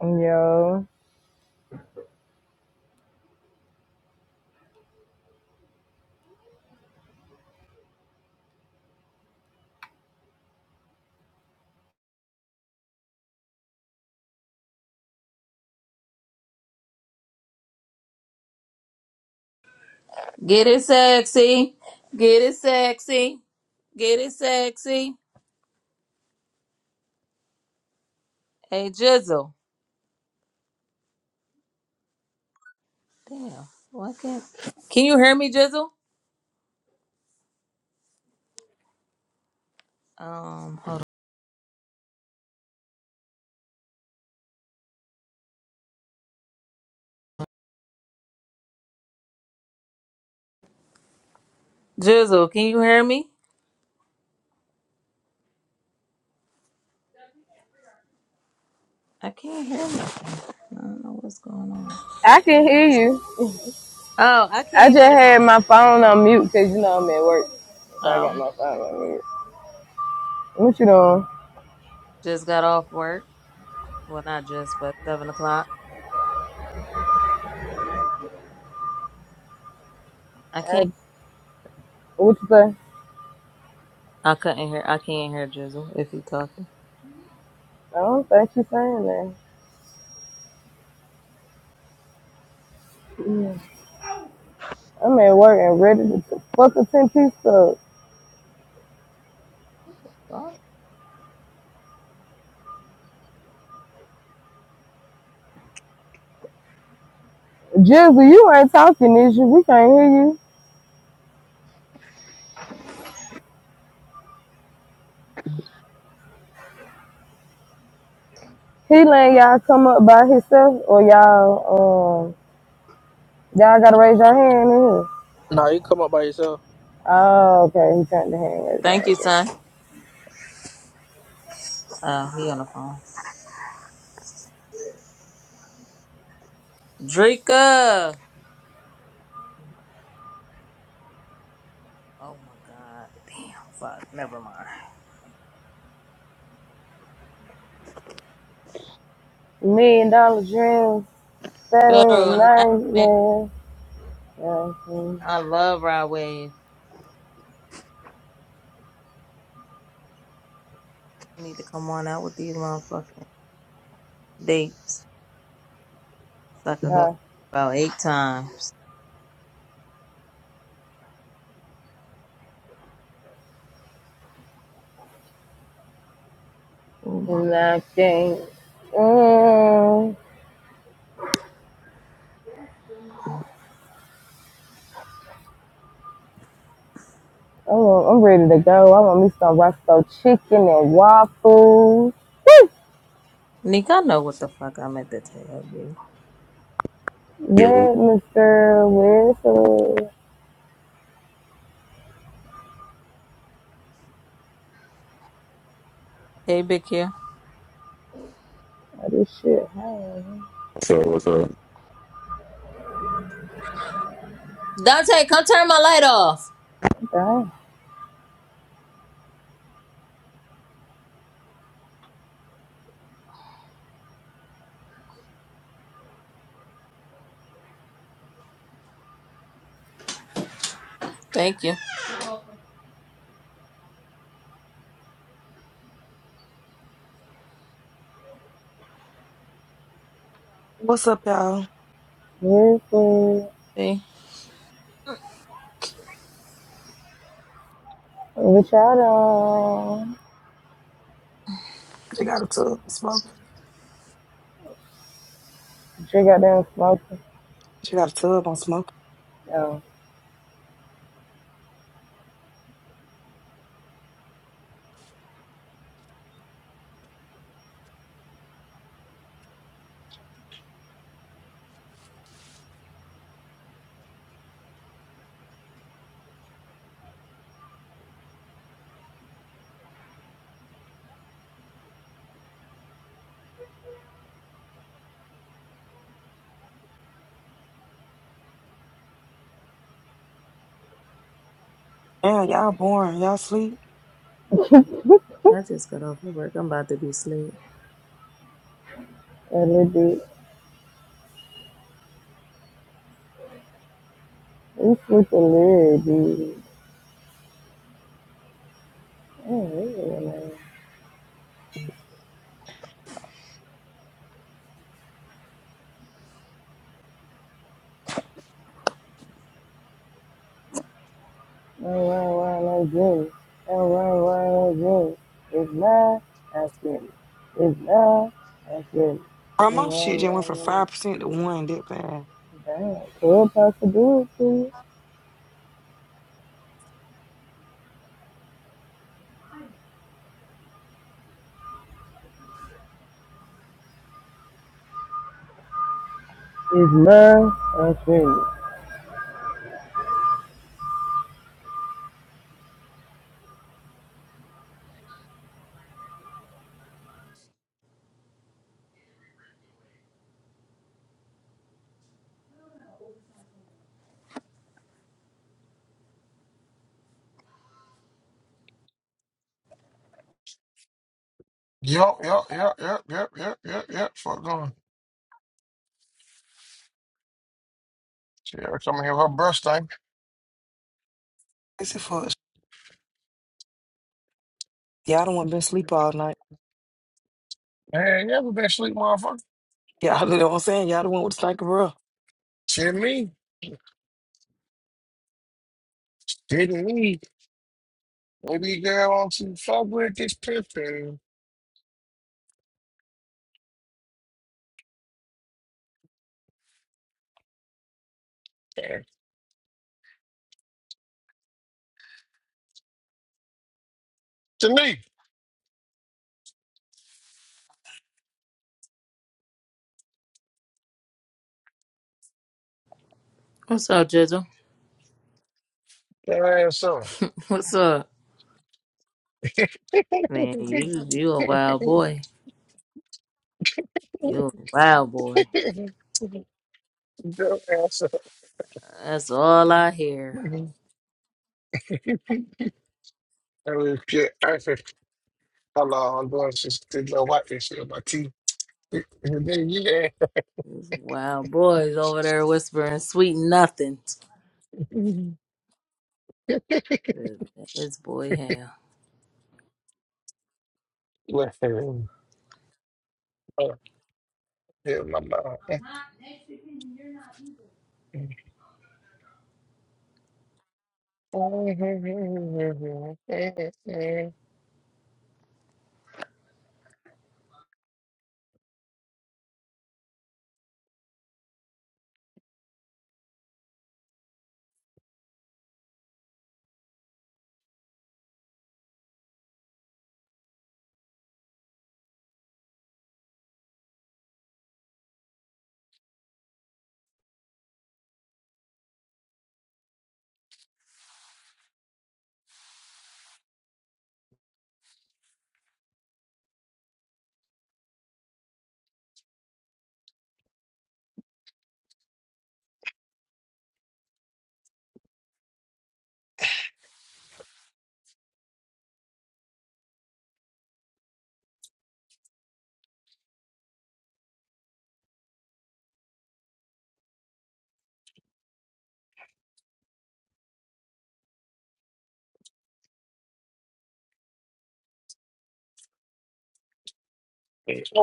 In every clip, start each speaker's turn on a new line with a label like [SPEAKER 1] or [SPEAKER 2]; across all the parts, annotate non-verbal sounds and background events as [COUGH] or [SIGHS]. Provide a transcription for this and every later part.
[SPEAKER 1] Yo,
[SPEAKER 2] Get it sexy. Get it sexy. Get it sexy. Hey Jizzle. Damn. Why can't Can you hear me, Jizzle? Um hold on. Jizzle, can you hear me? I can't hear me. I don't know what's going on.
[SPEAKER 1] I can hear you.
[SPEAKER 2] Oh, I
[SPEAKER 1] I just
[SPEAKER 2] can't hear
[SPEAKER 1] had my phone on mute because you know I'm at work, so I got
[SPEAKER 2] Oh.
[SPEAKER 1] my phone on mute. What you doing?
[SPEAKER 2] Just got off work. Well not just, but seven o'clock. I
[SPEAKER 1] I,
[SPEAKER 2] can't
[SPEAKER 1] what you say?
[SPEAKER 2] I couldn't hear I can't hear Jizzle if he talking.
[SPEAKER 1] I don't think you saying that. Yeah. I'm at work and ready to t- fuck a ten piece up.
[SPEAKER 2] Well,
[SPEAKER 1] Jizzle. you ain't talking, is you? We can't hear you. He letting y'all come up by himself, or y'all um y'all gotta raise your hand in here.
[SPEAKER 3] Nah, you come up by yourself.
[SPEAKER 1] Oh, okay. He turned the hand
[SPEAKER 2] Thank you,
[SPEAKER 1] raise.
[SPEAKER 2] son. Oh, he on the phone. Drika. Oh my god. Damn fuck. Never mind.
[SPEAKER 1] Million dollar dreams, better than
[SPEAKER 2] Federal
[SPEAKER 1] nine
[SPEAKER 2] nightmare.
[SPEAKER 1] man. Nothing,
[SPEAKER 2] I love ride waves. I need to come on out with these motherfucking dates. So I could go
[SPEAKER 1] nothing.
[SPEAKER 2] about eight times. Ooh, my-
[SPEAKER 1] nothing. Mm, I'm, I'm ready to go. I want me some resto chicken and waffles.
[SPEAKER 2] Nick, I know what the fuck I meant to tell you.
[SPEAKER 4] Yo,
[SPEAKER 1] Where Mr. Whistle.
[SPEAKER 2] Hey, Big Q.
[SPEAKER 1] Oh, this shit. Hey,
[SPEAKER 4] so what's up?
[SPEAKER 2] Dante, come turn my light off.
[SPEAKER 1] okay.
[SPEAKER 2] Thank you.
[SPEAKER 5] What's up, y'all?
[SPEAKER 1] Wesley.
[SPEAKER 2] See,
[SPEAKER 1] What y'all done?
[SPEAKER 5] She got a tub on smoke.
[SPEAKER 1] Drink out there and smoke.
[SPEAKER 5] She got a tub on smoke.
[SPEAKER 1] Oh,
[SPEAKER 5] Damn, y'all boring. Y'all sleep.
[SPEAKER 2] I just got off of work. I'm about to be asleep.
[SPEAKER 1] a little bit. We sleep a little bit. Mm, Dreams. Dreams. It's not as good. It's not as good.
[SPEAKER 5] Bro, my shit just went from five percent to one. That bad.
[SPEAKER 1] Could possibility. It's not as good.
[SPEAKER 6] Yep, yep, yep, yep, yep, yep, yep, yep. Fuck on. She ever come in here with her breath stank.
[SPEAKER 5] It's a fuck. Y'all don't want been sleep all night.
[SPEAKER 6] Man, you ever been asleep, motherfucker?
[SPEAKER 5] [LAUGHS] Y'all know what I'm saying. Y'all the one with the stank of breath.
[SPEAKER 6] Shit, me. Didn't me. Maybe girl wants to fuck with this pimpin'. To me.
[SPEAKER 2] What's up, Jizzle?
[SPEAKER 6] That ass up.
[SPEAKER 2] [LAUGHS] What's up? Man, you you a wild boy. You a wild boy.
[SPEAKER 6] Your ass up.
[SPEAKER 2] That's all I hear.
[SPEAKER 6] That was pure effort. Hello, I'm doing this this little white fish shit on my teeth. [LAUGHS] And then, yeah.
[SPEAKER 2] These wild boys over there whispering sweet nothing.
[SPEAKER 6] [LAUGHS]
[SPEAKER 2] This boy hell.
[SPEAKER 6] Listen. Oh, yeah, my mouth. Oh,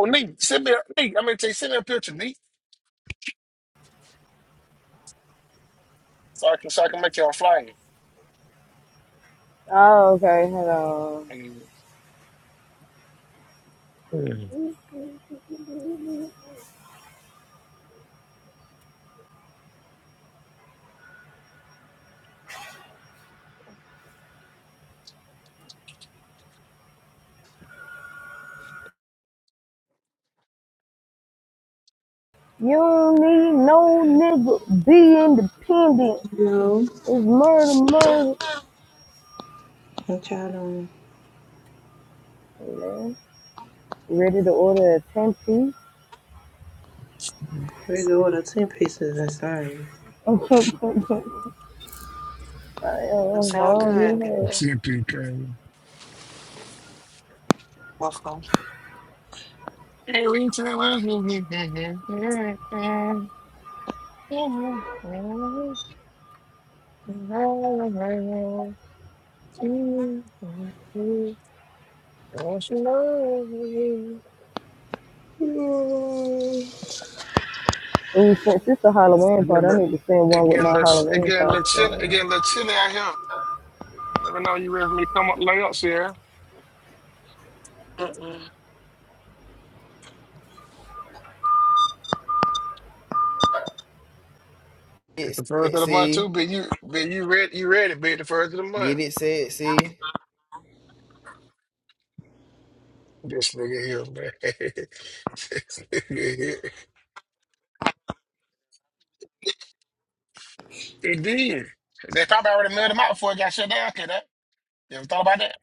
[SPEAKER 6] Nate, send me, a- Nate, I mean, say, send me a picture, Nate, so I can, so I can make y'all flyer.
[SPEAKER 1] Oh, okay. Hello.
[SPEAKER 6] And
[SPEAKER 1] You don't need no nigga. Be independent.
[SPEAKER 7] No.
[SPEAKER 1] It's murder, murder.
[SPEAKER 7] What y'all doing?
[SPEAKER 1] Man, ready to order a 10 piece?
[SPEAKER 7] We're going to Where's all the 10 pieces and starting.
[SPEAKER 1] [LAUGHS] I
[SPEAKER 5] That
[SPEAKER 1] am
[SPEAKER 5] sound good, nigga.
[SPEAKER 1] hungry.
[SPEAKER 6] see you can.
[SPEAKER 5] Motherfucker.
[SPEAKER 6] Hey, reach out. It
[SPEAKER 1] Ooh, since it's a Halloween party, I need to send one with
[SPEAKER 6] getting
[SPEAKER 1] my
[SPEAKER 6] a little, it getting a little, it
[SPEAKER 1] Halloween
[SPEAKER 6] getting a little chilly, it
[SPEAKER 1] costume.
[SPEAKER 6] getting a little chilly out here. Let me know you ready for me to come up layups here.
[SPEAKER 5] Mm-mm.
[SPEAKER 8] Get it,
[SPEAKER 6] It's the first
[SPEAKER 8] said,
[SPEAKER 6] of the month
[SPEAKER 8] see?
[SPEAKER 6] too, but you but you ready you ready, be the first of the month.
[SPEAKER 8] Get it, said, see?
[SPEAKER 6] This nigga here, man. [LAUGHS] This nigga here. It did. They probably already mailed them out before it got shut down, could that? You ever thought about that?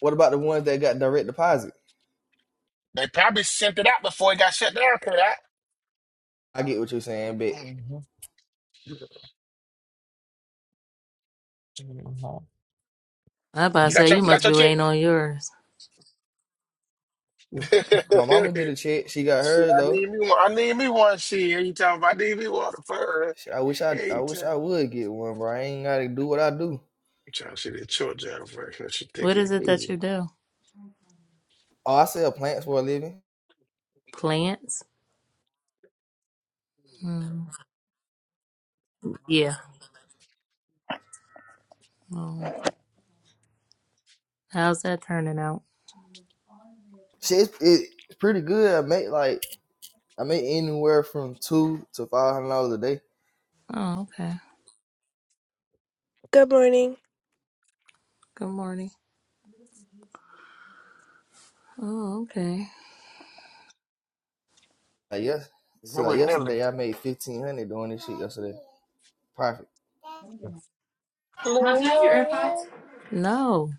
[SPEAKER 8] What about the ones that got direct deposit?
[SPEAKER 6] They probably sent it out before it got shut down, could that?
[SPEAKER 8] I get what you're saying, but
[SPEAKER 6] Mhm. Mhm.
[SPEAKER 2] I about to
[SPEAKER 6] You got
[SPEAKER 2] say you
[SPEAKER 6] your you
[SPEAKER 2] must
[SPEAKER 6] got your
[SPEAKER 2] be
[SPEAKER 6] check?
[SPEAKER 2] waiting on yours.
[SPEAKER 8] my mama get
[SPEAKER 6] [LAUGHS]
[SPEAKER 8] a check. She got
[SPEAKER 6] Shit,
[SPEAKER 8] hers
[SPEAKER 6] I
[SPEAKER 8] though.
[SPEAKER 6] need me one. I need me one. Shit, you talking about I need me one for her.
[SPEAKER 8] I wish I,
[SPEAKER 6] Hey,
[SPEAKER 8] I
[SPEAKER 6] you
[SPEAKER 8] wish I
[SPEAKER 6] trying
[SPEAKER 8] would get one, bro. I ain't gotta do what I do.
[SPEAKER 6] i trying to see the short job first. What you
[SPEAKER 2] What is it that
[SPEAKER 6] thinking?
[SPEAKER 2] you do?
[SPEAKER 8] Oh, I sell plants for a living.
[SPEAKER 2] Plants? Mm, yeah. Oh, how's that turning out?
[SPEAKER 8] Shit, it's, it's pretty good. I make like I make anywhere from two to five hundred dollars a day.
[SPEAKER 2] Oh, okay.
[SPEAKER 9] Good morning.
[SPEAKER 2] Good morning. Oh, okay.
[SPEAKER 8] Like yes,
[SPEAKER 6] It
[SPEAKER 8] see, like
[SPEAKER 6] was nearly.
[SPEAKER 8] yesterday I made fifteen hundred doing this shit yesterday. Profit.
[SPEAKER 2] Mom, can
[SPEAKER 6] Lay
[SPEAKER 2] I have your
[SPEAKER 6] your
[SPEAKER 2] AirPods?
[SPEAKER 6] head.
[SPEAKER 2] No.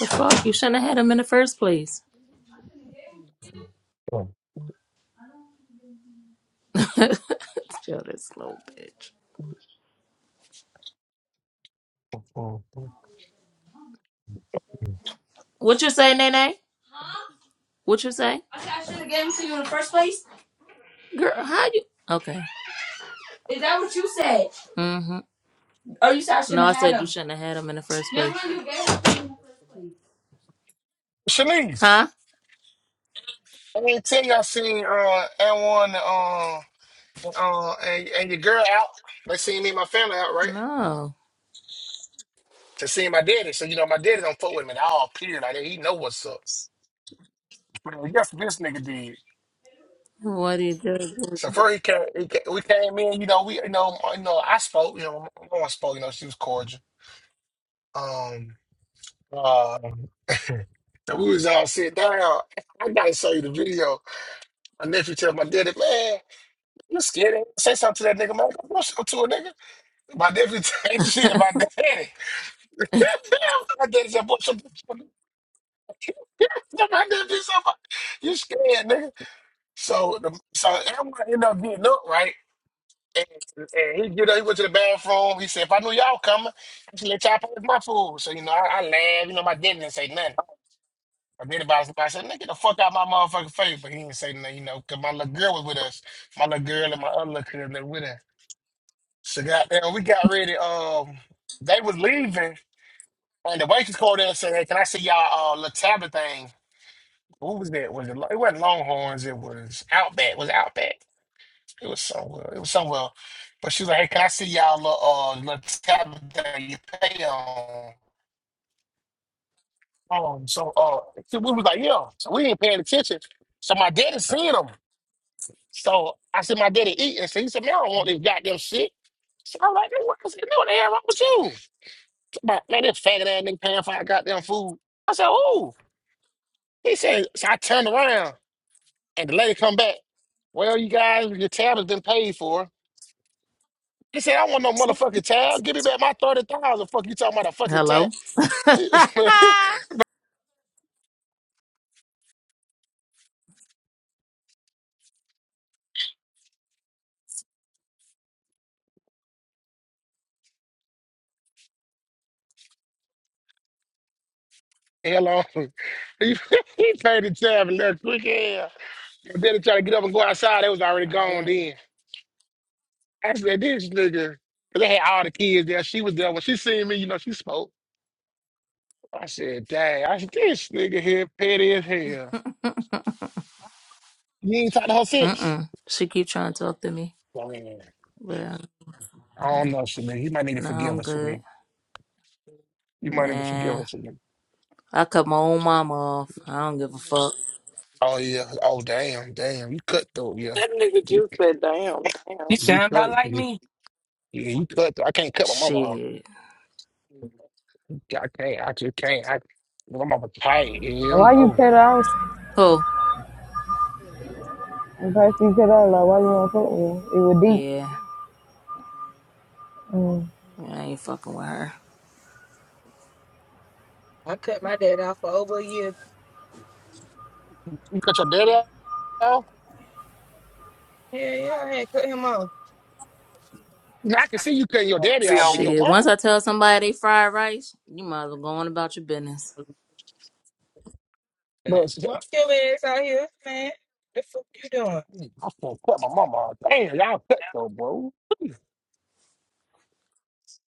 [SPEAKER 2] The fuck? You shouldn't have had them in the first place. [LAUGHS] Chill this little bitch. What you say, Nene? What you say? I said I should have gave them to you in the first place. Girl, how you Okay. Is that what you said? Oh, you said I shouldn't No, I have had said had you them. shouldn't have had him in the first place. Remember you gave them to me in the first place.
[SPEAKER 6] Shanice,
[SPEAKER 2] Huh?
[SPEAKER 6] I didn't tell you I seen uh and one uh uh and, and your girl out. They seen me and my family out, right?
[SPEAKER 2] No.
[SPEAKER 6] To see my daddy. So you know my daddy don't fuck with me at all, period. Like he know what's up. Well, guess this nigga did.
[SPEAKER 2] What do you
[SPEAKER 6] So
[SPEAKER 2] do?
[SPEAKER 6] first he came, he came, we came in. You know, we you know, you know, I spoke. You know, my mom spoke. You know, she was cordial. Um, uh, [LAUGHS] so we was all sitting down. I gotta show you the video. My nephew tell my daddy, man, you scared? Say something to that nigga, man. Go something to a nigga. My nephew [LAUGHS] ain't shit about daddy. [LAUGHS] my daddy said, boy, something. [LAUGHS] my nephew said, you scared, nigga. So, the, so everyone ended up getting up, right? And, and he you know, he went to the bathroom. He said, if I knew y'all coming, I should let y'all pay for my food. So, you know, I, I laughed. You know, my daddy didn't say nothing. My daddy about I said, nigga, get the fuck out my motherfucking face. But he didn't say nothing, you know, because my little girl was with us. My little girl and my other little girl that were with us. So, goddamn, we got ready. Um, They was leaving, and the waitress called in and said, hey, can I see y'all uh, little tablet thing? What was that? Was it, it wasn't Longhorns. It was Outback. Was it Outback? It was somewhere. It was somewhere. But she was like, "Hey, can I see y'all uh, uh little tab that you pay on?" Um, so uh, so we was like, "Yeah." So we ain't paying attention. So my daddy seen him. So I said, "My daddy eating." So he said, "Man, I don't want this goddamn shit." So I'm like, "Man, what is it? What the hell wrong with you?" So My, man, this faggot ass nigga paying for our goddamn food. I said, "Ooh." He said. So I turned around, and the lady come back. Well, you guys, your tab has been paid for. He said, I want no motherfucking tab. Give me back my 30000 Fuck you talking about a
[SPEAKER 2] [LAUGHS]
[SPEAKER 6] fucking tab.
[SPEAKER 2] Hello? [LAUGHS] I
[SPEAKER 6] [LAUGHS] Hello. [LAUGHS] he paid the tab and left quick hell. Then he tried to get up and go outside. They was already gone
[SPEAKER 2] bet.
[SPEAKER 6] then. I said, this nigga. Because they had all the kids there. She was there. When she seen me, you know, she spoke. I said, dang. I said, this nigga here petty as hell. You ain't talked to her since?
[SPEAKER 2] Mm-mm. She keep trying to talk to me,
[SPEAKER 6] Man,
[SPEAKER 2] but uh,
[SPEAKER 6] I don't know, Shamir. You might need to
[SPEAKER 2] no,
[SPEAKER 6] forgive
[SPEAKER 2] I'm
[SPEAKER 6] us for
[SPEAKER 2] good.
[SPEAKER 6] me. You might need to forgive
[SPEAKER 2] Nah,
[SPEAKER 6] us for me.
[SPEAKER 2] I cut my own mom off. I don't give a fuck.
[SPEAKER 6] Oh yeah. Oh damn, damn. You cut though, yeah.
[SPEAKER 5] That nigga
[SPEAKER 6] You
[SPEAKER 5] just said, "Damn, damn."
[SPEAKER 10] You
[SPEAKER 6] you
[SPEAKER 10] sound
[SPEAKER 6] cut
[SPEAKER 10] about like
[SPEAKER 6] yeah,
[SPEAKER 10] me.
[SPEAKER 6] yeah, you cut through. I can't cut my mama off.
[SPEAKER 2] Shit.
[SPEAKER 6] I can't, I just can't. I my mama tight, yeah,
[SPEAKER 1] Why you
[SPEAKER 6] no.
[SPEAKER 1] cut out?
[SPEAKER 2] Oh,
[SPEAKER 1] And first you cut out, like, why you want to fuck me? It was deep.
[SPEAKER 2] yeah.
[SPEAKER 1] Mm.
[SPEAKER 2] Yeah, I ain't fucking with her.
[SPEAKER 10] I cut my dad off for over a year.
[SPEAKER 6] You cut your daddy off?
[SPEAKER 10] Yeah, yeah, I had cut him off.
[SPEAKER 6] Now, I can see you cutting your daddy
[SPEAKER 5] See,
[SPEAKER 6] off, but your
[SPEAKER 2] Shit. Once
[SPEAKER 6] mama?
[SPEAKER 2] I tell somebody they fried rice, you might as well go on about your business.
[SPEAKER 6] Bro, she-
[SPEAKER 10] Walk your ass out here, man. The fuck you doing?
[SPEAKER 6] I can't cut my mama off. Damn, y'all cut though, bro.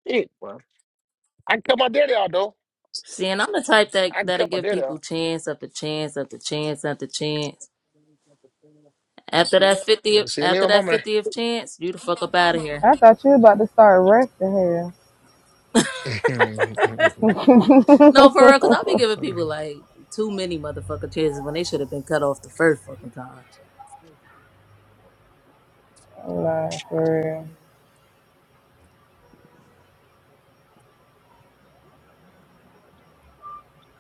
[SPEAKER 6] Shit, bro. I can cut my daddy off though.
[SPEAKER 2] See, and I'm the type that
[SPEAKER 6] I can
[SPEAKER 2] that'll
[SPEAKER 6] cut my
[SPEAKER 2] give
[SPEAKER 6] daddy
[SPEAKER 2] people
[SPEAKER 6] off.
[SPEAKER 2] chance after chance after chance after chance. After that
[SPEAKER 6] Never
[SPEAKER 2] fiftieth,
[SPEAKER 6] seen me in
[SPEAKER 2] after
[SPEAKER 6] my
[SPEAKER 2] that
[SPEAKER 6] mama.
[SPEAKER 2] fiftieth chance, you the fuck up out of here.
[SPEAKER 1] I thought you were about to start resting here.
[SPEAKER 6] [LAUGHS]
[SPEAKER 2] No, for real, because I'll be giving people like too many motherfucking chances when they should have been cut off the first fucking time.
[SPEAKER 1] I'm like, for real.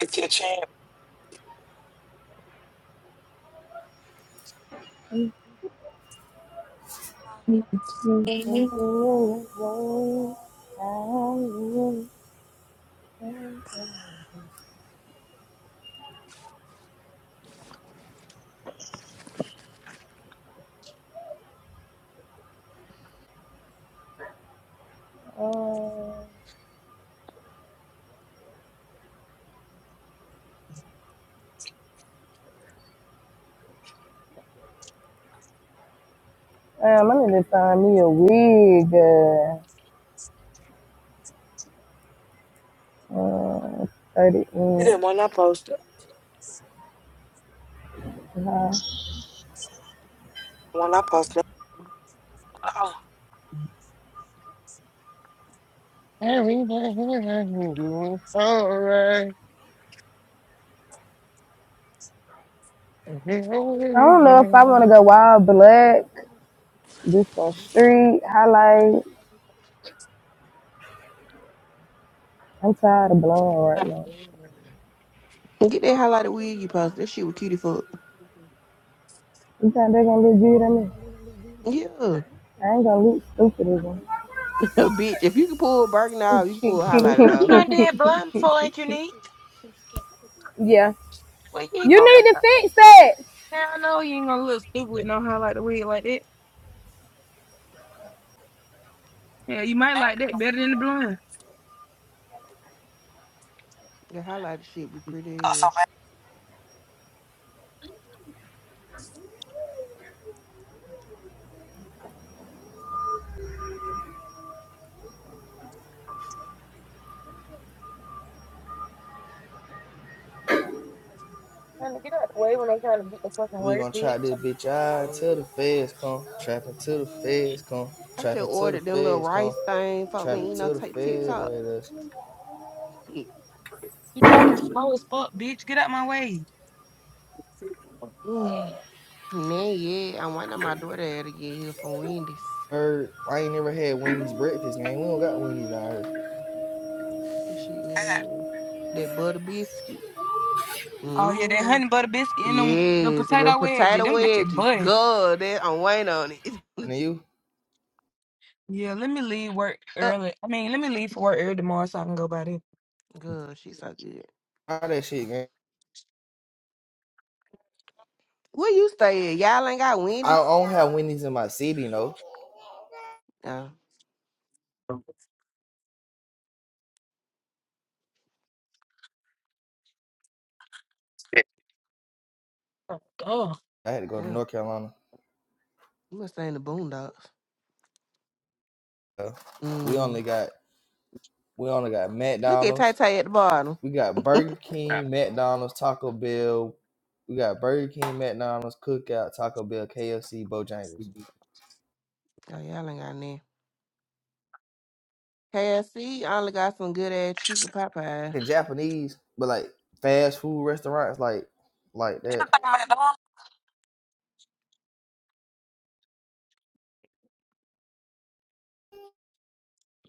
[SPEAKER 5] it's your chance.
[SPEAKER 1] You think
[SPEAKER 10] You
[SPEAKER 1] you really know how you think it all. Damn, I need to find me a wig. Uh, uh, 30
[SPEAKER 5] It didn't
[SPEAKER 1] inch
[SPEAKER 5] when I posted.
[SPEAKER 1] high.
[SPEAKER 5] When I posted, oh,
[SPEAKER 1] I don't know if I want to go wild black. Just a street highlight. I'm tired of blowing right
[SPEAKER 6] Everything
[SPEAKER 1] now.
[SPEAKER 6] doing
[SPEAKER 11] Get that highlighter wig you posted. That shit was cutie fuck.
[SPEAKER 1] You think they're gonna look good at me?
[SPEAKER 11] Yeah.
[SPEAKER 1] I ain't gonna look stupid as them.
[SPEAKER 11] [LAUGHS] Bitch, if you can pull a Birkin off, you can
[SPEAKER 1] Kick,
[SPEAKER 11] pull a
[SPEAKER 1] kick,
[SPEAKER 11] highlighter
[SPEAKER 1] kick,
[SPEAKER 11] off.
[SPEAKER 6] all
[SPEAKER 1] kick,
[SPEAKER 6] right.
[SPEAKER 10] done did
[SPEAKER 1] kick, kick,
[SPEAKER 10] blind
[SPEAKER 1] kick.
[SPEAKER 10] before, ain't you need?
[SPEAKER 1] yeah.
[SPEAKER 10] Well, you
[SPEAKER 1] You
[SPEAKER 10] ain't gonna look
[SPEAKER 1] need to
[SPEAKER 10] up.
[SPEAKER 1] fix that.
[SPEAKER 10] Now I know you ain't gonna look stupid with no how like the wig like that. Yeah, you might
[SPEAKER 5] that
[SPEAKER 10] like that better than the blonde.
[SPEAKER 11] The highlighter shit be
[SPEAKER 5] got
[SPEAKER 11] pretty
[SPEAKER 5] so
[SPEAKER 11] ass.
[SPEAKER 5] bad.
[SPEAKER 10] Trying to get out the way when I'm trying to get the fucking
[SPEAKER 8] We
[SPEAKER 10] word,
[SPEAKER 8] gonna
[SPEAKER 10] bitch.
[SPEAKER 8] try this bitch out till the feds come. Trapping till the feds come.
[SPEAKER 11] I just
[SPEAKER 8] Trapping till the
[SPEAKER 11] ordered them little
[SPEAKER 8] feds come.
[SPEAKER 11] rice thing. Folk been
[SPEAKER 8] Trapping
[SPEAKER 11] eating on
[SPEAKER 8] till the
[SPEAKER 11] t-
[SPEAKER 8] feds
[SPEAKER 11] TikTok.
[SPEAKER 8] raid us.
[SPEAKER 11] [SIGHS]
[SPEAKER 10] You driving slow as fuck, bitch. Get out my way.
[SPEAKER 11] Mm. Nah, yeah. I'm waiting on my daughter to get here from Wendy's.
[SPEAKER 8] Heard, I ain't never had Wendy's breakfast, gang. We don't got Wendy's out here.
[SPEAKER 11] She get here. That butter biscuit.
[SPEAKER 10] Oh yeah, that
[SPEAKER 11] hmm
[SPEAKER 10] honey butter biscuit and them the
[SPEAKER 11] Yes. And them
[SPEAKER 10] potato wedges,
[SPEAKER 11] potato
[SPEAKER 10] Them bitches
[SPEAKER 11] wedges.
[SPEAKER 10] bust.
[SPEAKER 11] God, that I'm waiting on it. [LAUGHS]
[SPEAKER 8] And you?
[SPEAKER 10] Yeah, let me leave work
[SPEAKER 11] Oh,
[SPEAKER 10] early. I mean, let me leave for work early tomorrow so I can go by there.
[SPEAKER 11] God, she so good.
[SPEAKER 8] All that shit, gang.
[SPEAKER 11] Where you stay at? Y'all ain't got
[SPEAKER 8] I
[SPEAKER 11] Wendy's?
[SPEAKER 8] don't have Wendy's in my city, no.
[SPEAKER 11] Oh.
[SPEAKER 10] Oh, God.
[SPEAKER 8] I had to go to
[SPEAKER 11] Yeah,
[SPEAKER 8] North Carolina.
[SPEAKER 11] must ain't the Boondocks.
[SPEAKER 8] So, we only
[SPEAKER 11] Mm.
[SPEAKER 8] got we only got
[SPEAKER 11] Look at Tay
[SPEAKER 8] McDonald's.
[SPEAKER 11] Tay at the bottom.
[SPEAKER 8] We got
[SPEAKER 11] [LAUGHS] oh,
[SPEAKER 8] Burger King, McDonald's, Taco Bell. We got Burger King, McDonald's, Cookout, Taco Bell, KFC, Bojangles.
[SPEAKER 11] y'all ain't got none. KFC only got some good ass chicken pot pie.
[SPEAKER 8] in Japanese, but like fast food restaurants like like
[SPEAKER 5] Did you
[SPEAKER 8] that.
[SPEAKER 5] think McDonald's?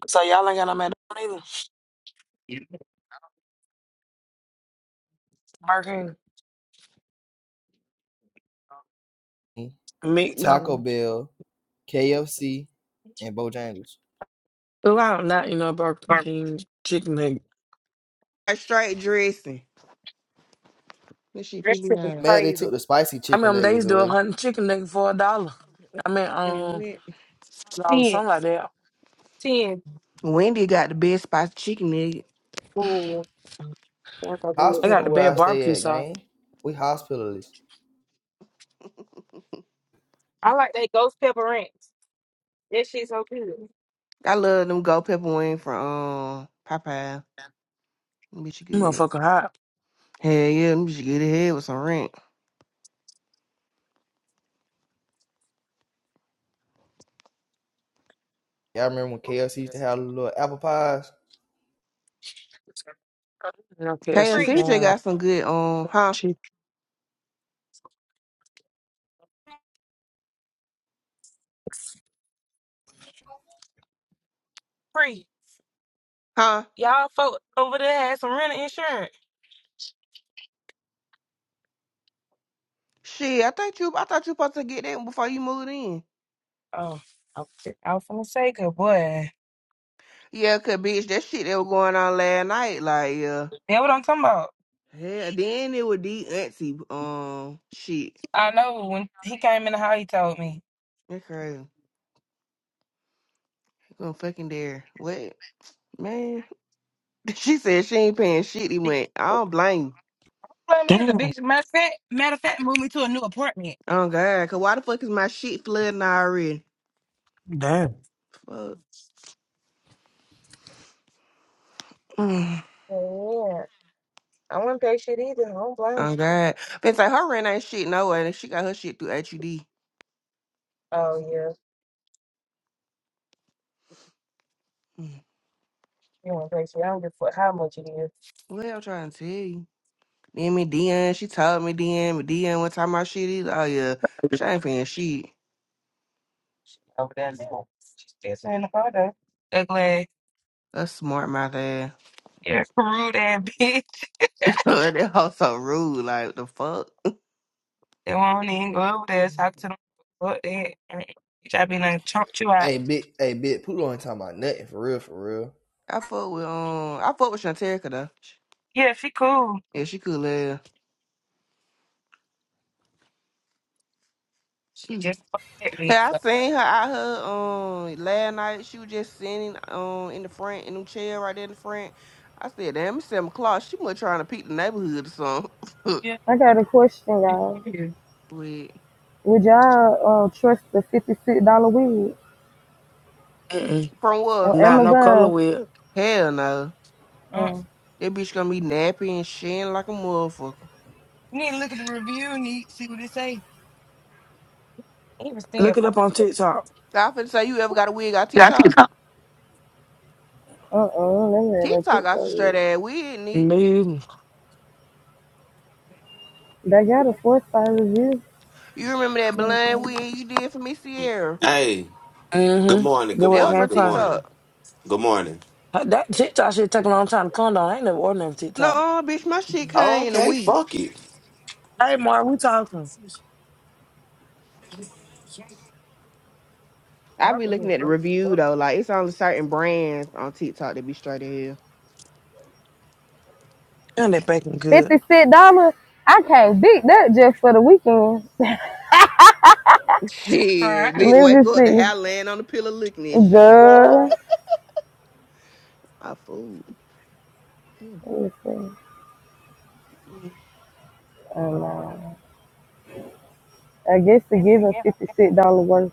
[SPEAKER 5] So y'all ain't got no McDonald's either. Burger King,
[SPEAKER 8] Taco
[SPEAKER 5] McDonald's.
[SPEAKER 8] Bell, KFC, and Bojangles.
[SPEAKER 5] Well, I am not, you know, about King chicken nugget.
[SPEAKER 11] A straight dressing. This shit
[SPEAKER 10] That shit is
[SPEAKER 11] PBI.
[SPEAKER 8] Mad they took
[SPEAKER 10] crazy.
[SPEAKER 8] the spicy
[SPEAKER 5] I
[SPEAKER 8] chicken
[SPEAKER 5] mean, they
[SPEAKER 8] nuggets
[SPEAKER 5] used to do a
[SPEAKER 8] away.
[SPEAKER 5] hundred chicken nugget for a dollar. I mean,
[SPEAKER 11] And
[SPEAKER 5] um,
[SPEAKER 11] Wen-
[SPEAKER 5] dollar,
[SPEAKER 10] 10,
[SPEAKER 5] something like that.
[SPEAKER 10] 10.
[SPEAKER 11] Wendy got the best spicy chicken nugget.
[SPEAKER 10] Ooh, that's so good.
[SPEAKER 5] They got
[SPEAKER 8] Hospital
[SPEAKER 5] the
[SPEAKER 8] where
[SPEAKER 5] bad
[SPEAKER 8] I
[SPEAKER 5] barbecue
[SPEAKER 8] stay at,
[SPEAKER 5] sauce.
[SPEAKER 8] gang. We hospitalists.
[SPEAKER 10] I like that ghost pepper ranch. That shit's so good.
[SPEAKER 11] I love them gold pepper wing from um Popeye. Them bitch
[SPEAKER 5] That
[SPEAKER 11] good.
[SPEAKER 5] Motherfucker hot.
[SPEAKER 11] Hell yeah, them bitch good ahead with some ranch.
[SPEAKER 8] Y'all remember when KFC used to have little apple pies?
[SPEAKER 5] No KFC
[SPEAKER 10] Free,
[SPEAKER 11] KFC just
[SPEAKER 5] fan, right?
[SPEAKER 11] got some good um
[SPEAKER 5] now.
[SPEAKER 11] huh
[SPEAKER 5] Chicken.
[SPEAKER 10] free.
[SPEAKER 11] huh.
[SPEAKER 10] Y'all folk over there had some rental insurance.
[SPEAKER 11] Shit, I thought you I thought you supposed to get that before you moved in.
[SPEAKER 10] Oh, I was I was gonna say good boy.
[SPEAKER 11] Yeah, cause bitch, that shit that was going on last night, like yeah,
[SPEAKER 10] Yeah, what I'm talking about.
[SPEAKER 11] hell. Then it was the auntie um shit.
[SPEAKER 10] I know when he came in the house, he told me.
[SPEAKER 11] That's crazy. Gonna fucking dare what man? [LAUGHS] She said she ain't paying shit. He went. I don't blame. you.
[SPEAKER 10] Blame me, the
[SPEAKER 5] Damn.
[SPEAKER 10] bitch. Matter of fact, matter of fact, moved me to a new apartment.
[SPEAKER 11] Oh god, cause why the fuck is my shit flooding already?
[SPEAKER 5] Damn.
[SPEAKER 11] Fuck. [SIGHS] Mm.
[SPEAKER 10] Yeah, I wouldn't pay shit either. I don't blame blame.
[SPEAKER 11] Oh god. But like her rent ain't shit no way. She got her shit through HUD.
[SPEAKER 10] Oh yeah,
[SPEAKER 11] Mm.
[SPEAKER 10] you want crazy? I don't give a fuck how much it is
[SPEAKER 11] What I'm trying to tell you. Then me DM, she told me DM, me DM what time my shit is. Oh yeah, bitch, I ain't paying shit.
[SPEAKER 10] over there now. She's dancing in the photo. Ugly,
[SPEAKER 11] That's smart, my dad.
[SPEAKER 10] yeah, rude ass bitch. [LAUGHS]
[SPEAKER 11] [LAUGHS] that hoe so rude. Like the fuck.
[SPEAKER 10] They won't even go over there talk to them. What that? Mm. Bitch, I be like chunk you out.
[SPEAKER 8] Hey, big, hey, big Poodle ain't talking about nothing for real, for real.
[SPEAKER 11] I fuck with um. I fuck with Shanterica though.
[SPEAKER 10] Yeah, she cool.
[SPEAKER 11] Yeah, she could live.
[SPEAKER 10] She
[SPEAKER 11] Mhm.
[SPEAKER 10] just fucked that
[SPEAKER 11] Hey,
[SPEAKER 10] bitch.
[SPEAKER 11] I
[SPEAKER 10] So,
[SPEAKER 11] seen her out her um last night. She was just sitting um in the front in the chair right there in the front. I said, damn, it's seven o'clock. She must trying to peek the neighborhood or something.
[SPEAKER 10] yeah,
[SPEAKER 1] I
[SPEAKER 10] what
[SPEAKER 1] got a question, y'all.
[SPEAKER 10] you do?
[SPEAKER 11] [LAUGHS] Wait,
[SPEAKER 1] Would y'all uh, trust the fifty-six dollar wig
[SPEAKER 5] Mm-mm.
[SPEAKER 11] from
[SPEAKER 1] on
[SPEAKER 11] what?
[SPEAKER 5] Not no color
[SPEAKER 1] Amazon?
[SPEAKER 5] with.
[SPEAKER 11] Hell no.
[SPEAKER 10] Uh,
[SPEAKER 1] Um,
[SPEAKER 11] That bitch gonna be nappy and shitting like a motherfucker.
[SPEAKER 10] you need to look at the review and you see what it say. He was still
[SPEAKER 5] Look it
[SPEAKER 10] fucked
[SPEAKER 5] up on
[SPEAKER 10] up.
[SPEAKER 5] TikTok.
[SPEAKER 11] I finna say you ever got a wig on
[SPEAKER 10] Yeah, I think it's
[SPEAKER 11] TikTok?
[SPEAKER 10] hot.
[SPEAKER 1] uh-uh, never had no
[SPEAKER 11] TikTok got some
[SPEAKER 1] TikTok
[SPEAKER 11] straight
[SPEAKER 1] wig.
[SPEAKER 11] ass wig, neat.
[SPEAKER 5] Me,
[SPEAKER 1] They got a four-star review.
[SPEAKER 11] You remember that
[SPEAKER 1] You know what i
[SPEAKER 11] blind wig you did for Miss Sierra?
[SPEAKER 12] Hey, good
[SPEAKER 5] Mm-hmm.
[SPEAKER 12] morning, good
[SPEAKER 5] The
[SPEAKER 11] They
[SPEAKER 5] way it
[SPEAKER 11] were
[SPEAKER 12] morning,
[SPEAKER 5] came
[SPEAKER 11] from
[SPEAKER 12] good
[SPEAKER 5] from.
[SPEAKER 12] morning,
[SPEAKER 11] TikTok.
[SPEAKER 12] good morning.
[SPEAKER 5] Uh, That TikTok shit take a long time to come down. I ain't never ordered no TikTok.
[SPEAKER 11] No, bitch, my shit
[SPEAKER 12] Oh,
[SPEAKER 11] came in a
[SPEAKER 12] Okay,
[SPEAKER 11] week.
[SPEAKER 12] fuck it.
[SPEAKER 5] Hey, Mark, we talking.
[SPEAKER 11] I be looking at the review
[SPEAKER 10] All
[SPEAKER 11] though. Like it's only certain brands on TikTok that be straight ahead.
[SPEAKER 5] Ain't that bacon good?
[SPEAKER 1] Fifty-six dollars. I can't beat that just for the weekend.
[SPEAKER 11] [LAUGHS]
[SPEAKER 10] right.
[SPEAKER 1] [LAUGHS]
[SPEAKER 11] Shit, bitch,
[SPEAKER 1] Let
[SPEAKER 11] wake
[SPEAKER 1] me
[SPEAKER 11] up. The hair
[SPEAKER 1] see.
[SPEAKER 11] laying on the pillow looking at you.
[SPEAKER 1] Good.
[SPEAKER 11] My food. Yeah.
[SPEAKER 1] Let
[SPEAKER 11] Mm.
[SPEAKER 1] Oh no. I guess to give him
[SPEAKER 5] I'm
[SPEAKER 1] fifty six dollar worth.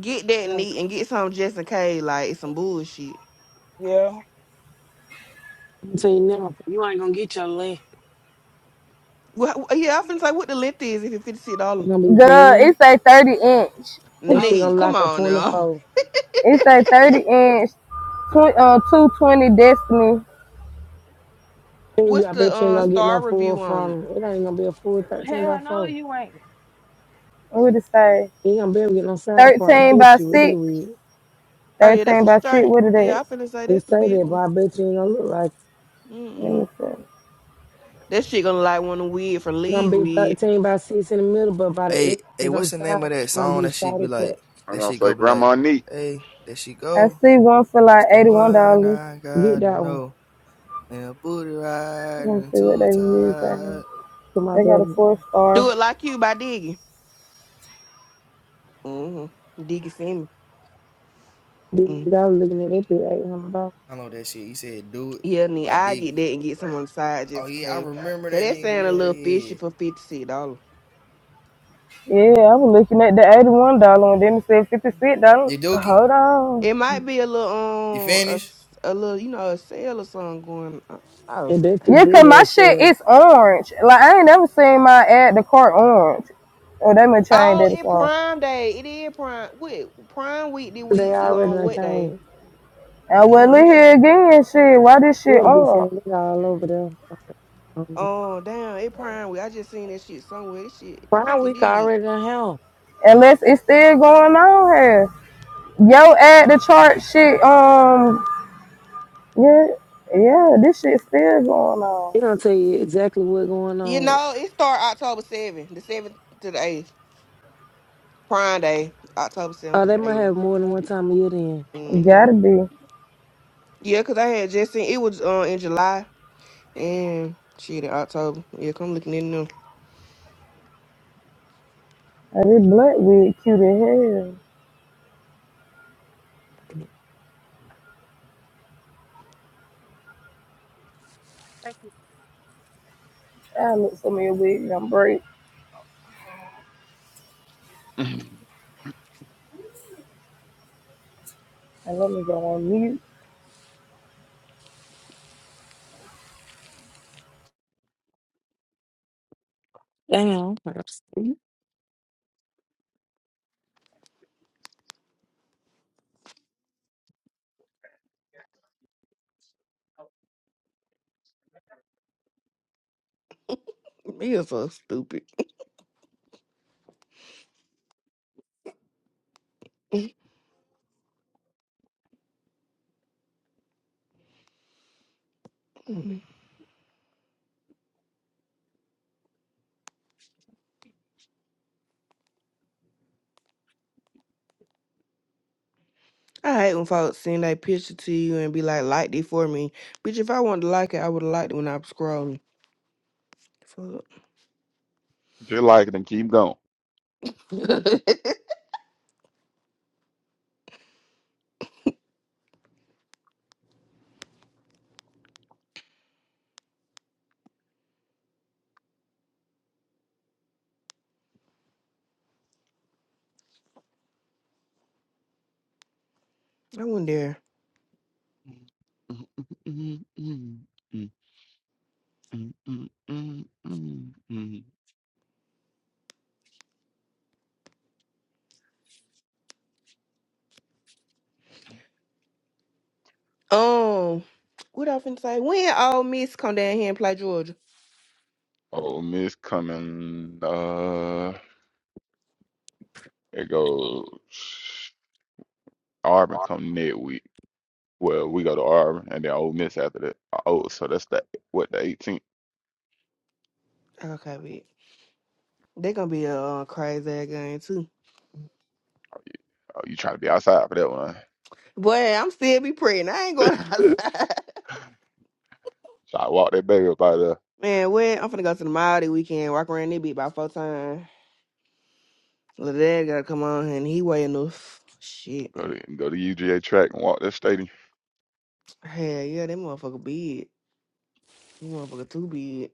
[SPEAKER 11] Get that neat and get some just in case. Like it's some bullshit.
[SPEAKER 10] Yeah.
[SPEAKER 5] telling you now, you ain't gonna get your leg.
[SPEAKER 11] Well, yeah, I finna say what the length is if it's fifty six
[SPEAKER 5] It's
[SPEAKER 11] dollars.
[SPEAKER 5] gonna be
[SPEAKER 1] Girl,
[SPEAKER 5] thin.
[SPEAKER 1] it's a thirty inch.
[SPEAKER 5] That
[SPEAKER 10] Oh,
[SPEAKER 5] shit gonna
[SPEAKER 11] Neat. Come
[SPEAKER 5] lock a
[SPEAKER 11] on now.
[SPEAKER 5] 24.
[SPEAKER 1] It's a thirty inch tw- uh, two twenty destiny.
[SPEAKER 11] [LAUGHS]
[SPEAKER 5] And you,
[SPEAKER 11] What's
[SPEAKER 5] I
[SPEAKER 11] the
[SPEAKER 5] bet you ain't
[SPEAKER 11] uh,
[SPEAKER 5] gonna get no
[SPEAKER 11] star
[SPEAKER 5] full
[SPEAKER 11] review on it?
[SPEAKER 5] from 'em. It ain't gonna be a full 13 by
[SPEAKER 10] hell no,
[SPEAKER 5] 4.
[SPEAKER 10] you ain't.
[SPEAKER 1] What did it say?
[SPEAKER 5] You ain't gonna be able to get no side part. I
[SPEAKER 1] Thirteen
[SPEAKER 5] bet
[SPEAKER 1] by
[SPEAKER 5] you what they
[SPEAKER 1] six.
[SPEAKER 5] with.
[SPEAKER 11] Oh yeah, that's
[SPEAKER 1] Thirteen
[SPEAKER 11] a
[SPEAKER 1] by six,
[SPEAKER 11] straight.
[SPEAKER 1] what is
[SPEAKER 11] Yeah,
[SPEAKER 1] that?
[SPEAKER 11] I finna say
[SPEAKER 5] They
[SPEAKER 11] that's the
[SPEAKER 5] say
[SPEAKER 11] big
[SPEAKER 5] that,
[SPEAKER 11] one.
[SPEAKER 5] but I bet you ain't gonna look like
[SPEAKER 1] Let
[SPEAKER 11] Mm-mm.
[SPEAKER 1] me see.
[SPEAKER 11] That shit gonna like one of weed for
[SPEAKER 5] it's gonna
[SPEAKER 11] lead
[SPEAKER 5] be
[SPEAKER 11] weed.
[SPEAKER 5] 13 by 6 in the middle, but by
[SPEAKER 8] Hey,
[SPEAKER 5] the
[SPEAKER 8] hey,
[SPEAKER 5] edges on
[SPEAKER 8] what's
[SPEAKER 5] the
[SPEAKER 8] the name
[SPEAKER 5] side,
[SPEAKER 8] of that
[SPEAKER 5] it's gonna
[SPEAKER 8] song?
[SPEAKER 5] be
[SPEAKER 8] That shit be
[SPEAKER 5] started for.
[SPEAKER 8] like,
[SPEAKER 4] I'm
[SPEAKER 8] that
[SPEAKER 4] gonna
[SPEAKER 8] shit
[SPEAKER 4] say
[SPEAKER 8] go be like,
[SPEAKER 4] Grandma Neat.
[SPEAKER 8] hey, there she
[SPEAKER 1] I
[SPEAKER 8] go.
[SPEAKER 1] see one for
[SPEAKER 8] It's
[SPEAKER 1] like
[SPEAKER 8] the
[SPEAKER 1] eighty one
[SPEAKER 8] one
[SPEAKER 1] dollars.
[SPEAKER 8] I
[SPEAKER 5] Get
[SPEAKER 8] gotta
[SPEAKER 5] that one
[SPEAKER 8] know. And a booty
[SPEAKER 1] Let
[SPEAKER 8] ride
[SPEAKER 1] me
[SPEAKER 8] and
[SPEAKER 1] see what
[SPEAKER 8] too
[SPEAKER 1] they use
[SPEAKER 8] tight.
[SPEAKER 1] using.
[SPEAKER 5] to my
[SPEAKER 1] They got a
[SPEAKER 5] brother.
[SPEAKER 1] four
[SPEAKER 11] Do
[SPEAKER 1] star.
[SPEAKER 11] it like you by Diggy. Mm-hmm. Diggy Simmons. Mm.
[SPEAKER 5] Dude, I was looking at that bit $800.
[SPEAKER 8] I know that shit. You said do it
[SPEAKER 11] Yeah, need
[SPEAKER 8] by
[SPEAKER 11] I
[SPEAKER 8] Diggy.
[SPEAKER 11] get that and get some on the side
[SPEAKER 8] Oh
[SPEAKER 11] just in
[SPEAKER 8] yeah, I
[SPEAKER 11] case.
[SPEAKER 8] remember
[SPEAKER 11] Cause
[SPEAKER 8] that
[SPEAKER 11] that
[SPEAKER 8] nigga.
[SPEAKER 11] sound a
[SPEAKER 8] Hell
[SPEAKER 11] little fishy
[SPEAKER 8] yeah.
[SPEAKER 11] for fifty six dollars.
[SPEAKER 1] Yeah, I was looking at the eighty one dollar and then it said fifty
[SPEAKER 10] Mm.
[SPEAKER 1] six dollars.
[SPEAKER 8] You dookie?
[SPEAKER 1] Hold on.
[SPEAKER 11] It might be a little
[SPEAKER 8] You
[SPEAKER 11] um a,
[SPEAKER 8] finished?
[SPEAKER 11] s- a little you know a sale or something going. I don't know.
[SPEAKER 5] And that's
[SPEAKER 11] I
[SPEAKER 5] too
[SPEAKER 1] Yeah,
[SPEAKER 11] ain't-
[SPEAKER 1] cause
[SPEAKER 5] big of
[SPEAKER 1] my
[SPEAKER 5] a
[SPEAKER 1] shit
[SPEAKER 5] sale.
[SPEAKER 1] is orange. Like I ain't never seen my ad the car orange. Oh, they may change
[SPEAKER 11] Oh,
[SPEAKER 1] that
[SPEAKER 11] it
[SPEAKER 1] song.
[SPEAKER 11] Prime Day. It is Prime. Wait, Prime Week. Did
[SPEAKER 5] They
[SPEAKER 11] we
[SPEAKER 5] already
[SPEAKER 11] on
[SPEAKER 5] done
[SPEAKER 11] what
[SPEAKER 5] came.
[SPEAKER 11] day?
[SPEAKER 1] And well,
[SPEAKER 11] Damn,
[SPEAKER 1] look
[SPEAKER 11] this. sh-
[SPEAKER 1] here again, shit. Why this
[SPEAKER 5] You
[SPEAKER 1] shit
[SPEAKER 5] would be
[SPEAKER 1] on?
[SPEAKER 5] seeing it all over there. Um,
[SPEAKER 11] Oh, damn. It Prime Week. I just seen that shit somewhere. This shit. I
[SPEAKER 5] Prime
[SPEAKER 11] think it
[SPEAKER 5] Week
[SPEAKER 11] is.
[SPEAKER 5] already in hell.
[SPEAKER 1] Unless it's still going on here. Yo, ad the chart shit. Um, yeah, yeah, this shit still going on.
[SPEAKER 5] They don't tell you exactly what's going
[SPEAKER 11] You
[SPEAKER 5] on.
[SPEAKER 11] know, it start October 7th, the 7th to the 8th, Prime Day, October 7th
[SPEAKER 5] Oh,
[SPEAKER 11] to
[SPEAKER 5] they
[SPEAKER 11] the
[SPEAKER 5] might
[SPEAKER 11] 8th.
[SPEAKER 5] have more than one time a year then.
[SPEAKER 11] Mm-hmm.
[SPEAKER 1] Gotta be.
[SPEAKER 11] Yeah, because I had just seen it was uh, in July and shit in October. Yeah, come looking in them.
[SPEAKER 1] And this black wig cute as hell.
[SPEAKER 10] Thank you.
[SPEAKER 1] I look so many wigs I'm break.
[SPEAKER 4] [LAUGHS] if
[SPEAKER 1] And let me go on mute.
[SPEAKER 5] Damn.
[SPEAKER 11] you so stupid. Mm. I hate when folks send a picture to you and be like, like this for me. Bitch, if I wanted to like it, I would have liked it when I was scrolling. Fuck.
[SPEAKER 4] you like it, then keep going.
[SPEAKER 11] [LAUGHS] I went there. Um, what I finna say? When old Miss come down here and play Georgia?
[SPEAKER 4] Oh, Miss coming. Uh, it goes Auburn come next week. Well, we go to Auburn and then Ole Miss after that. Uh, Oh, so that's that. What the 18th?
[SPEAKER 11] Okay, bitch. They gonna be a uh, crazy ass game too.
[SPEAKER 4] Oh, you trying to be outside for that one?
[SPEAKER 11] Boy, I'm still be praying. I ain't going [LAUGHS]
[SPEAKER 4] [LAUGHS]
[SPEAKER 11] outside.
[SPEAKER 4] So I walk that baby up out there.
[SPEAKER 11] Man, where I'm finna go to the mall this weekend. Walk around that bitch about four times. Little dad gotta come on and he weigh enough. Shit.
[SPEAKER 4] Go to go to UGA track and walk that stadium.
[SPEAKER 11] Hell yeah, that motherfucker big. That motherfucker too big.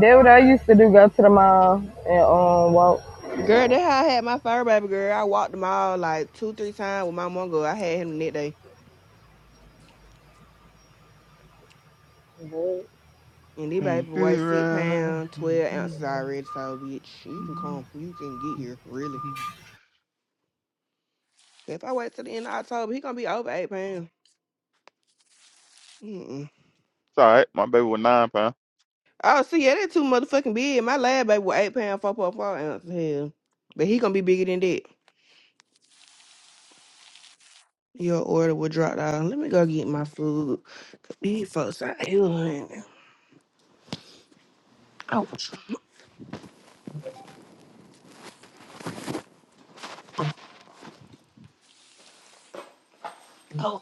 [SPEAKER 1] That what I used to do. Go to the mall and um walk.
[SPEAKER 11] Girl, that how I had my fur baby girl. I walked the mall like two, three times with my mongo. I had him the next day. And this
[SPEAKER 4] Ain't
[SPEAKER 11] baby weigh
[SPEAKER 4] this
[SPEAKER 11] six pounds, twelve ounces
[SPEAKER 4] right?
[SPEAKER 11] already. So bitch, you can come. You can get here, really.
[SPEAKER 4] It's
[SPEAKER 11] If I wait till the end of October, he gonna be over eight pounds. Mm-mm.
[SPEAKER 4] all right. My baby was nine pound.
[SPEAKER 11] Oh, see, yeah, that too motherfucking big. My lab baby was eight pound, four point four ounce. Hell, but he gonna be bigger than that. Your order will drop down. Let me go get my food. These folks out here. honey. Oh, [SNIFFS] oh.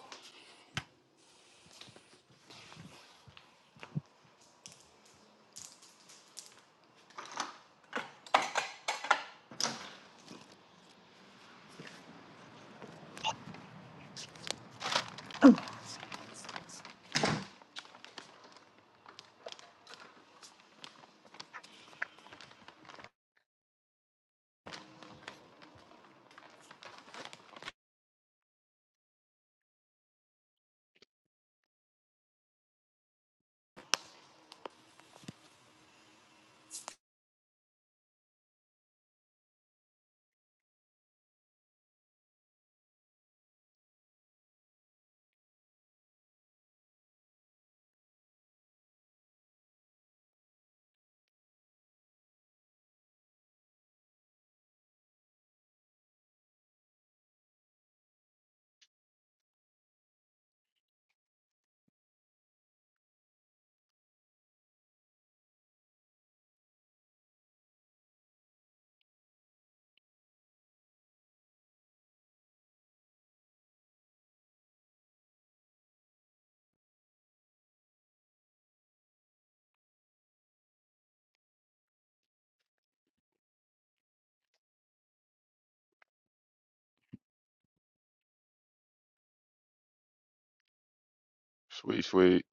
[SPEAKER 4] Sweet, sweet,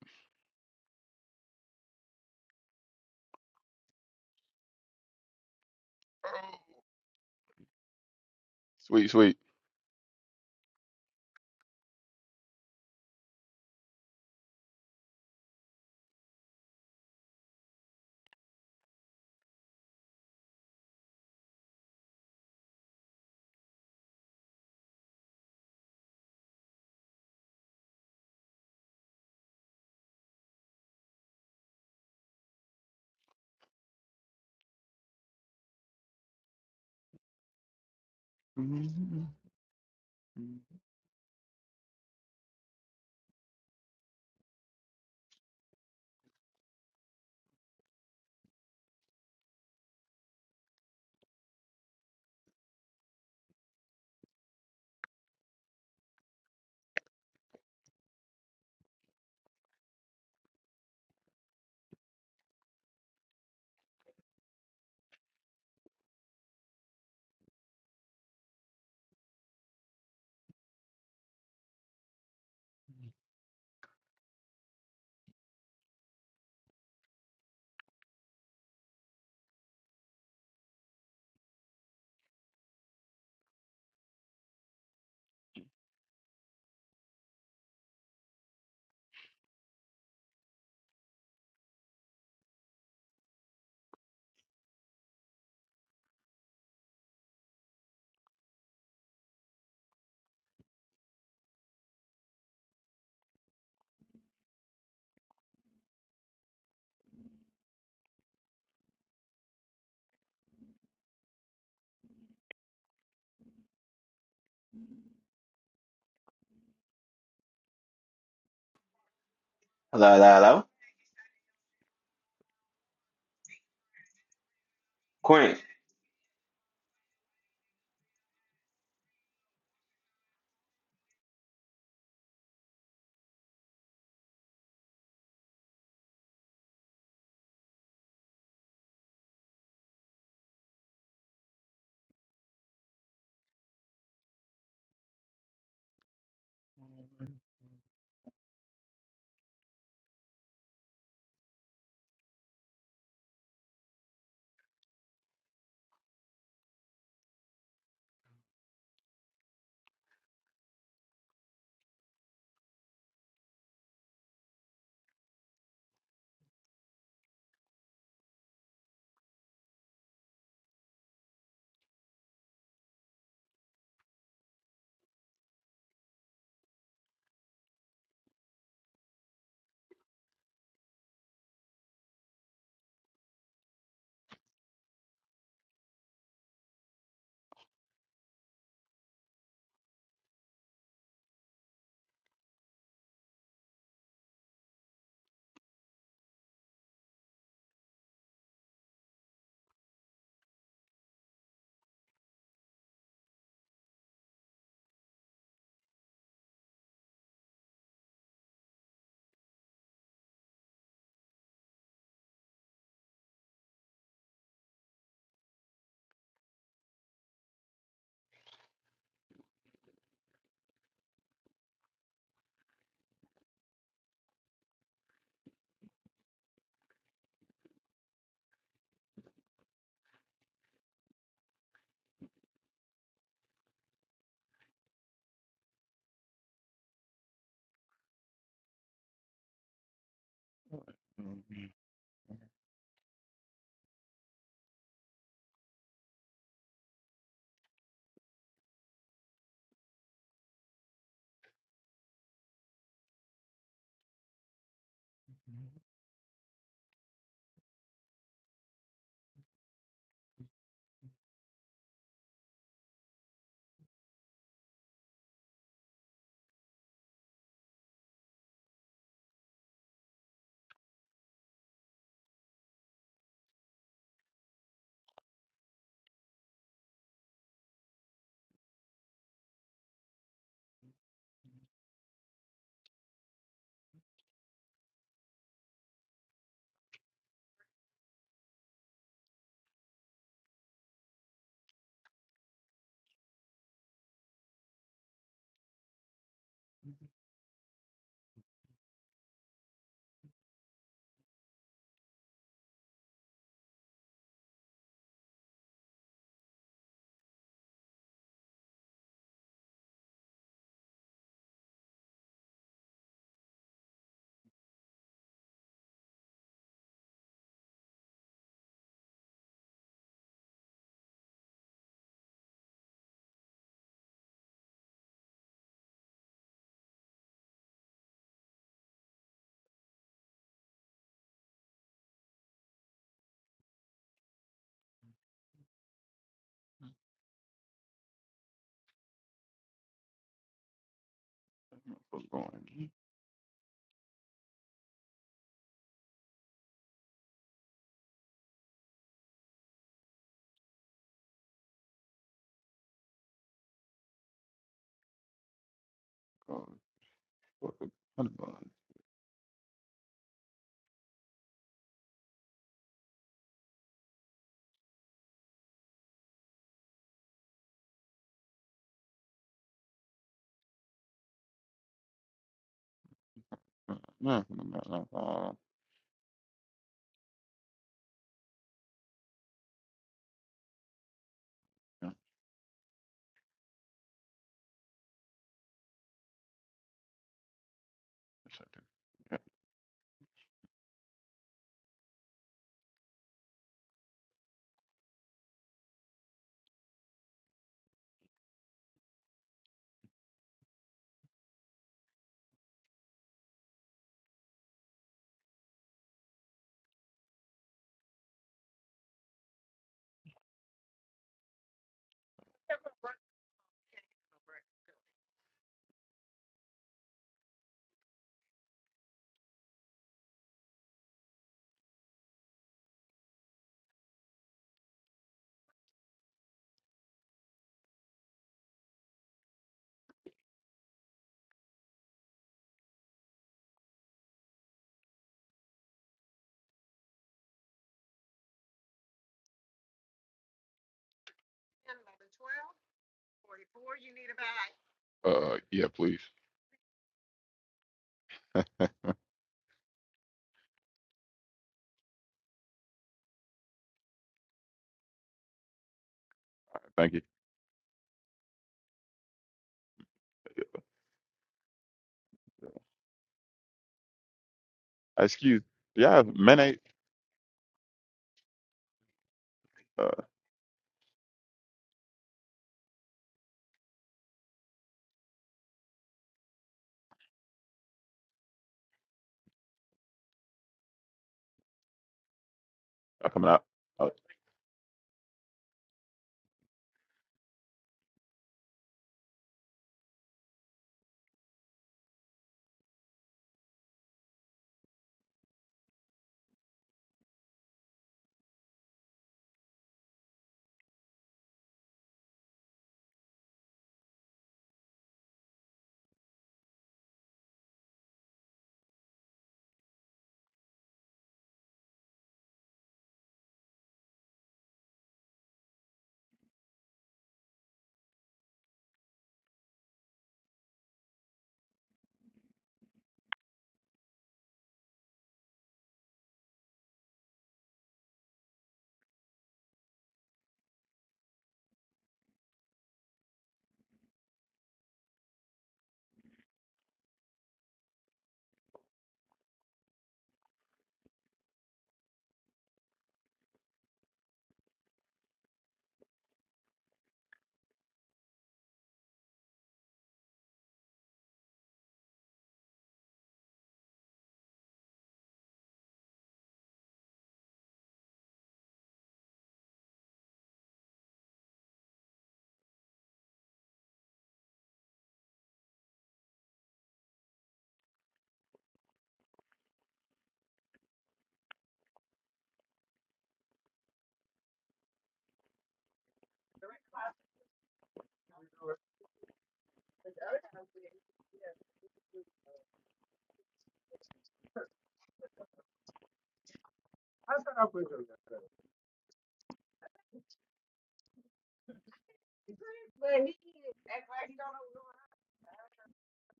[SPEAKER 4] sweet, sweet. What's
[SPEAKER 12] Hello, hello, hello.
[SPEAKER 4] going on? Oh, Uh, nah, nah, nah, nah, uh, yeah, okay, yeah. Uh, yeah, please. Thank you. Uh, Excuse. Do y'all have mayonnaise? Uh, y'all coming out. Uh,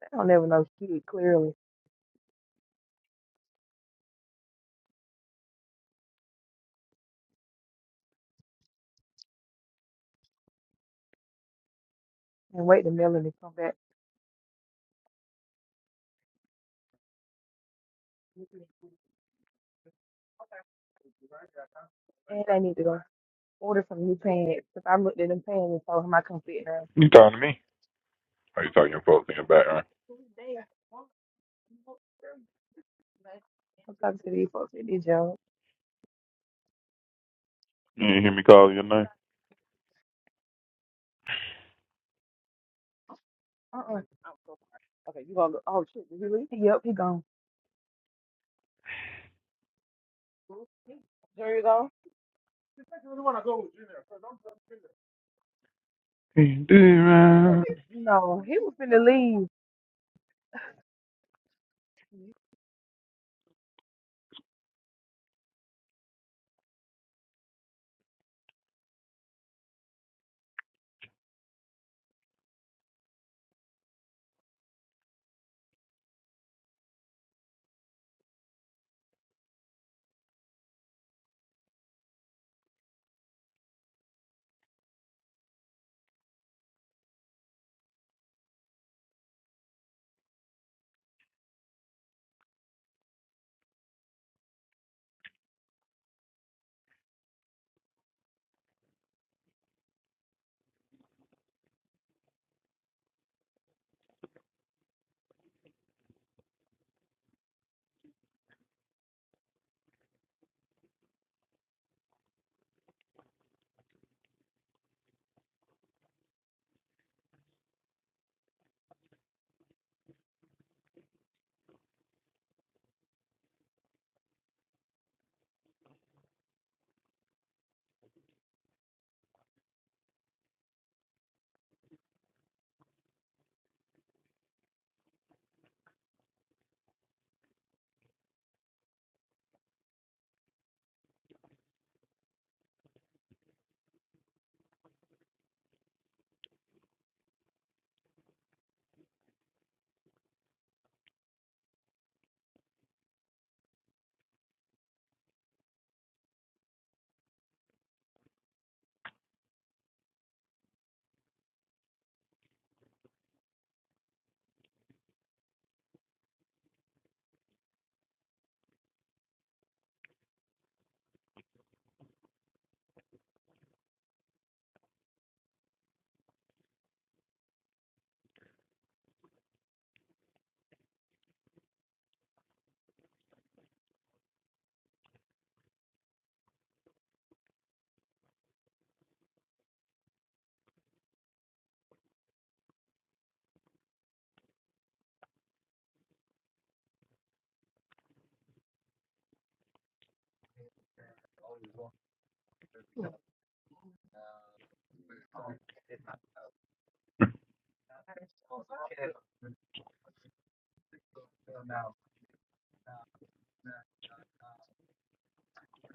[SPEAKER 10] I don't ever know shit clearly. And wait till Melanie come back. And I need to go. order some new pants because I looked at them pants and told him I couldn't fit in them.
[SPEAKER 4] you talking to me? Are you talking to folks in your background?
[SPEAKER 10] I'm talking to these folks at this job.
[SPEAKER 4] You didn't hear me call your
[SPEAKER 10] Uh-uh. Okay, you gonna go? Oh shit, did he leave? Yep, he gone. There you go.
[SPEAKER 4] name.
[SPEAKER 10] No, he was finna leave.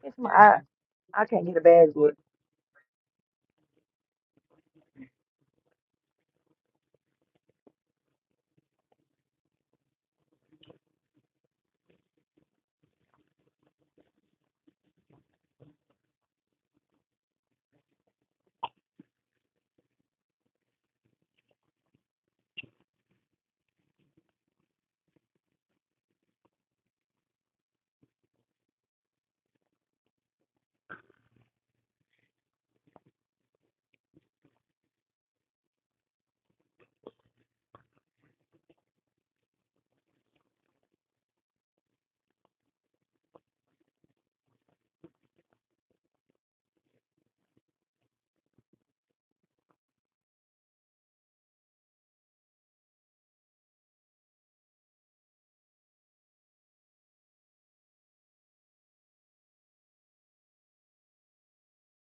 [SPEAKER 10] It's my I, I can't get a badge.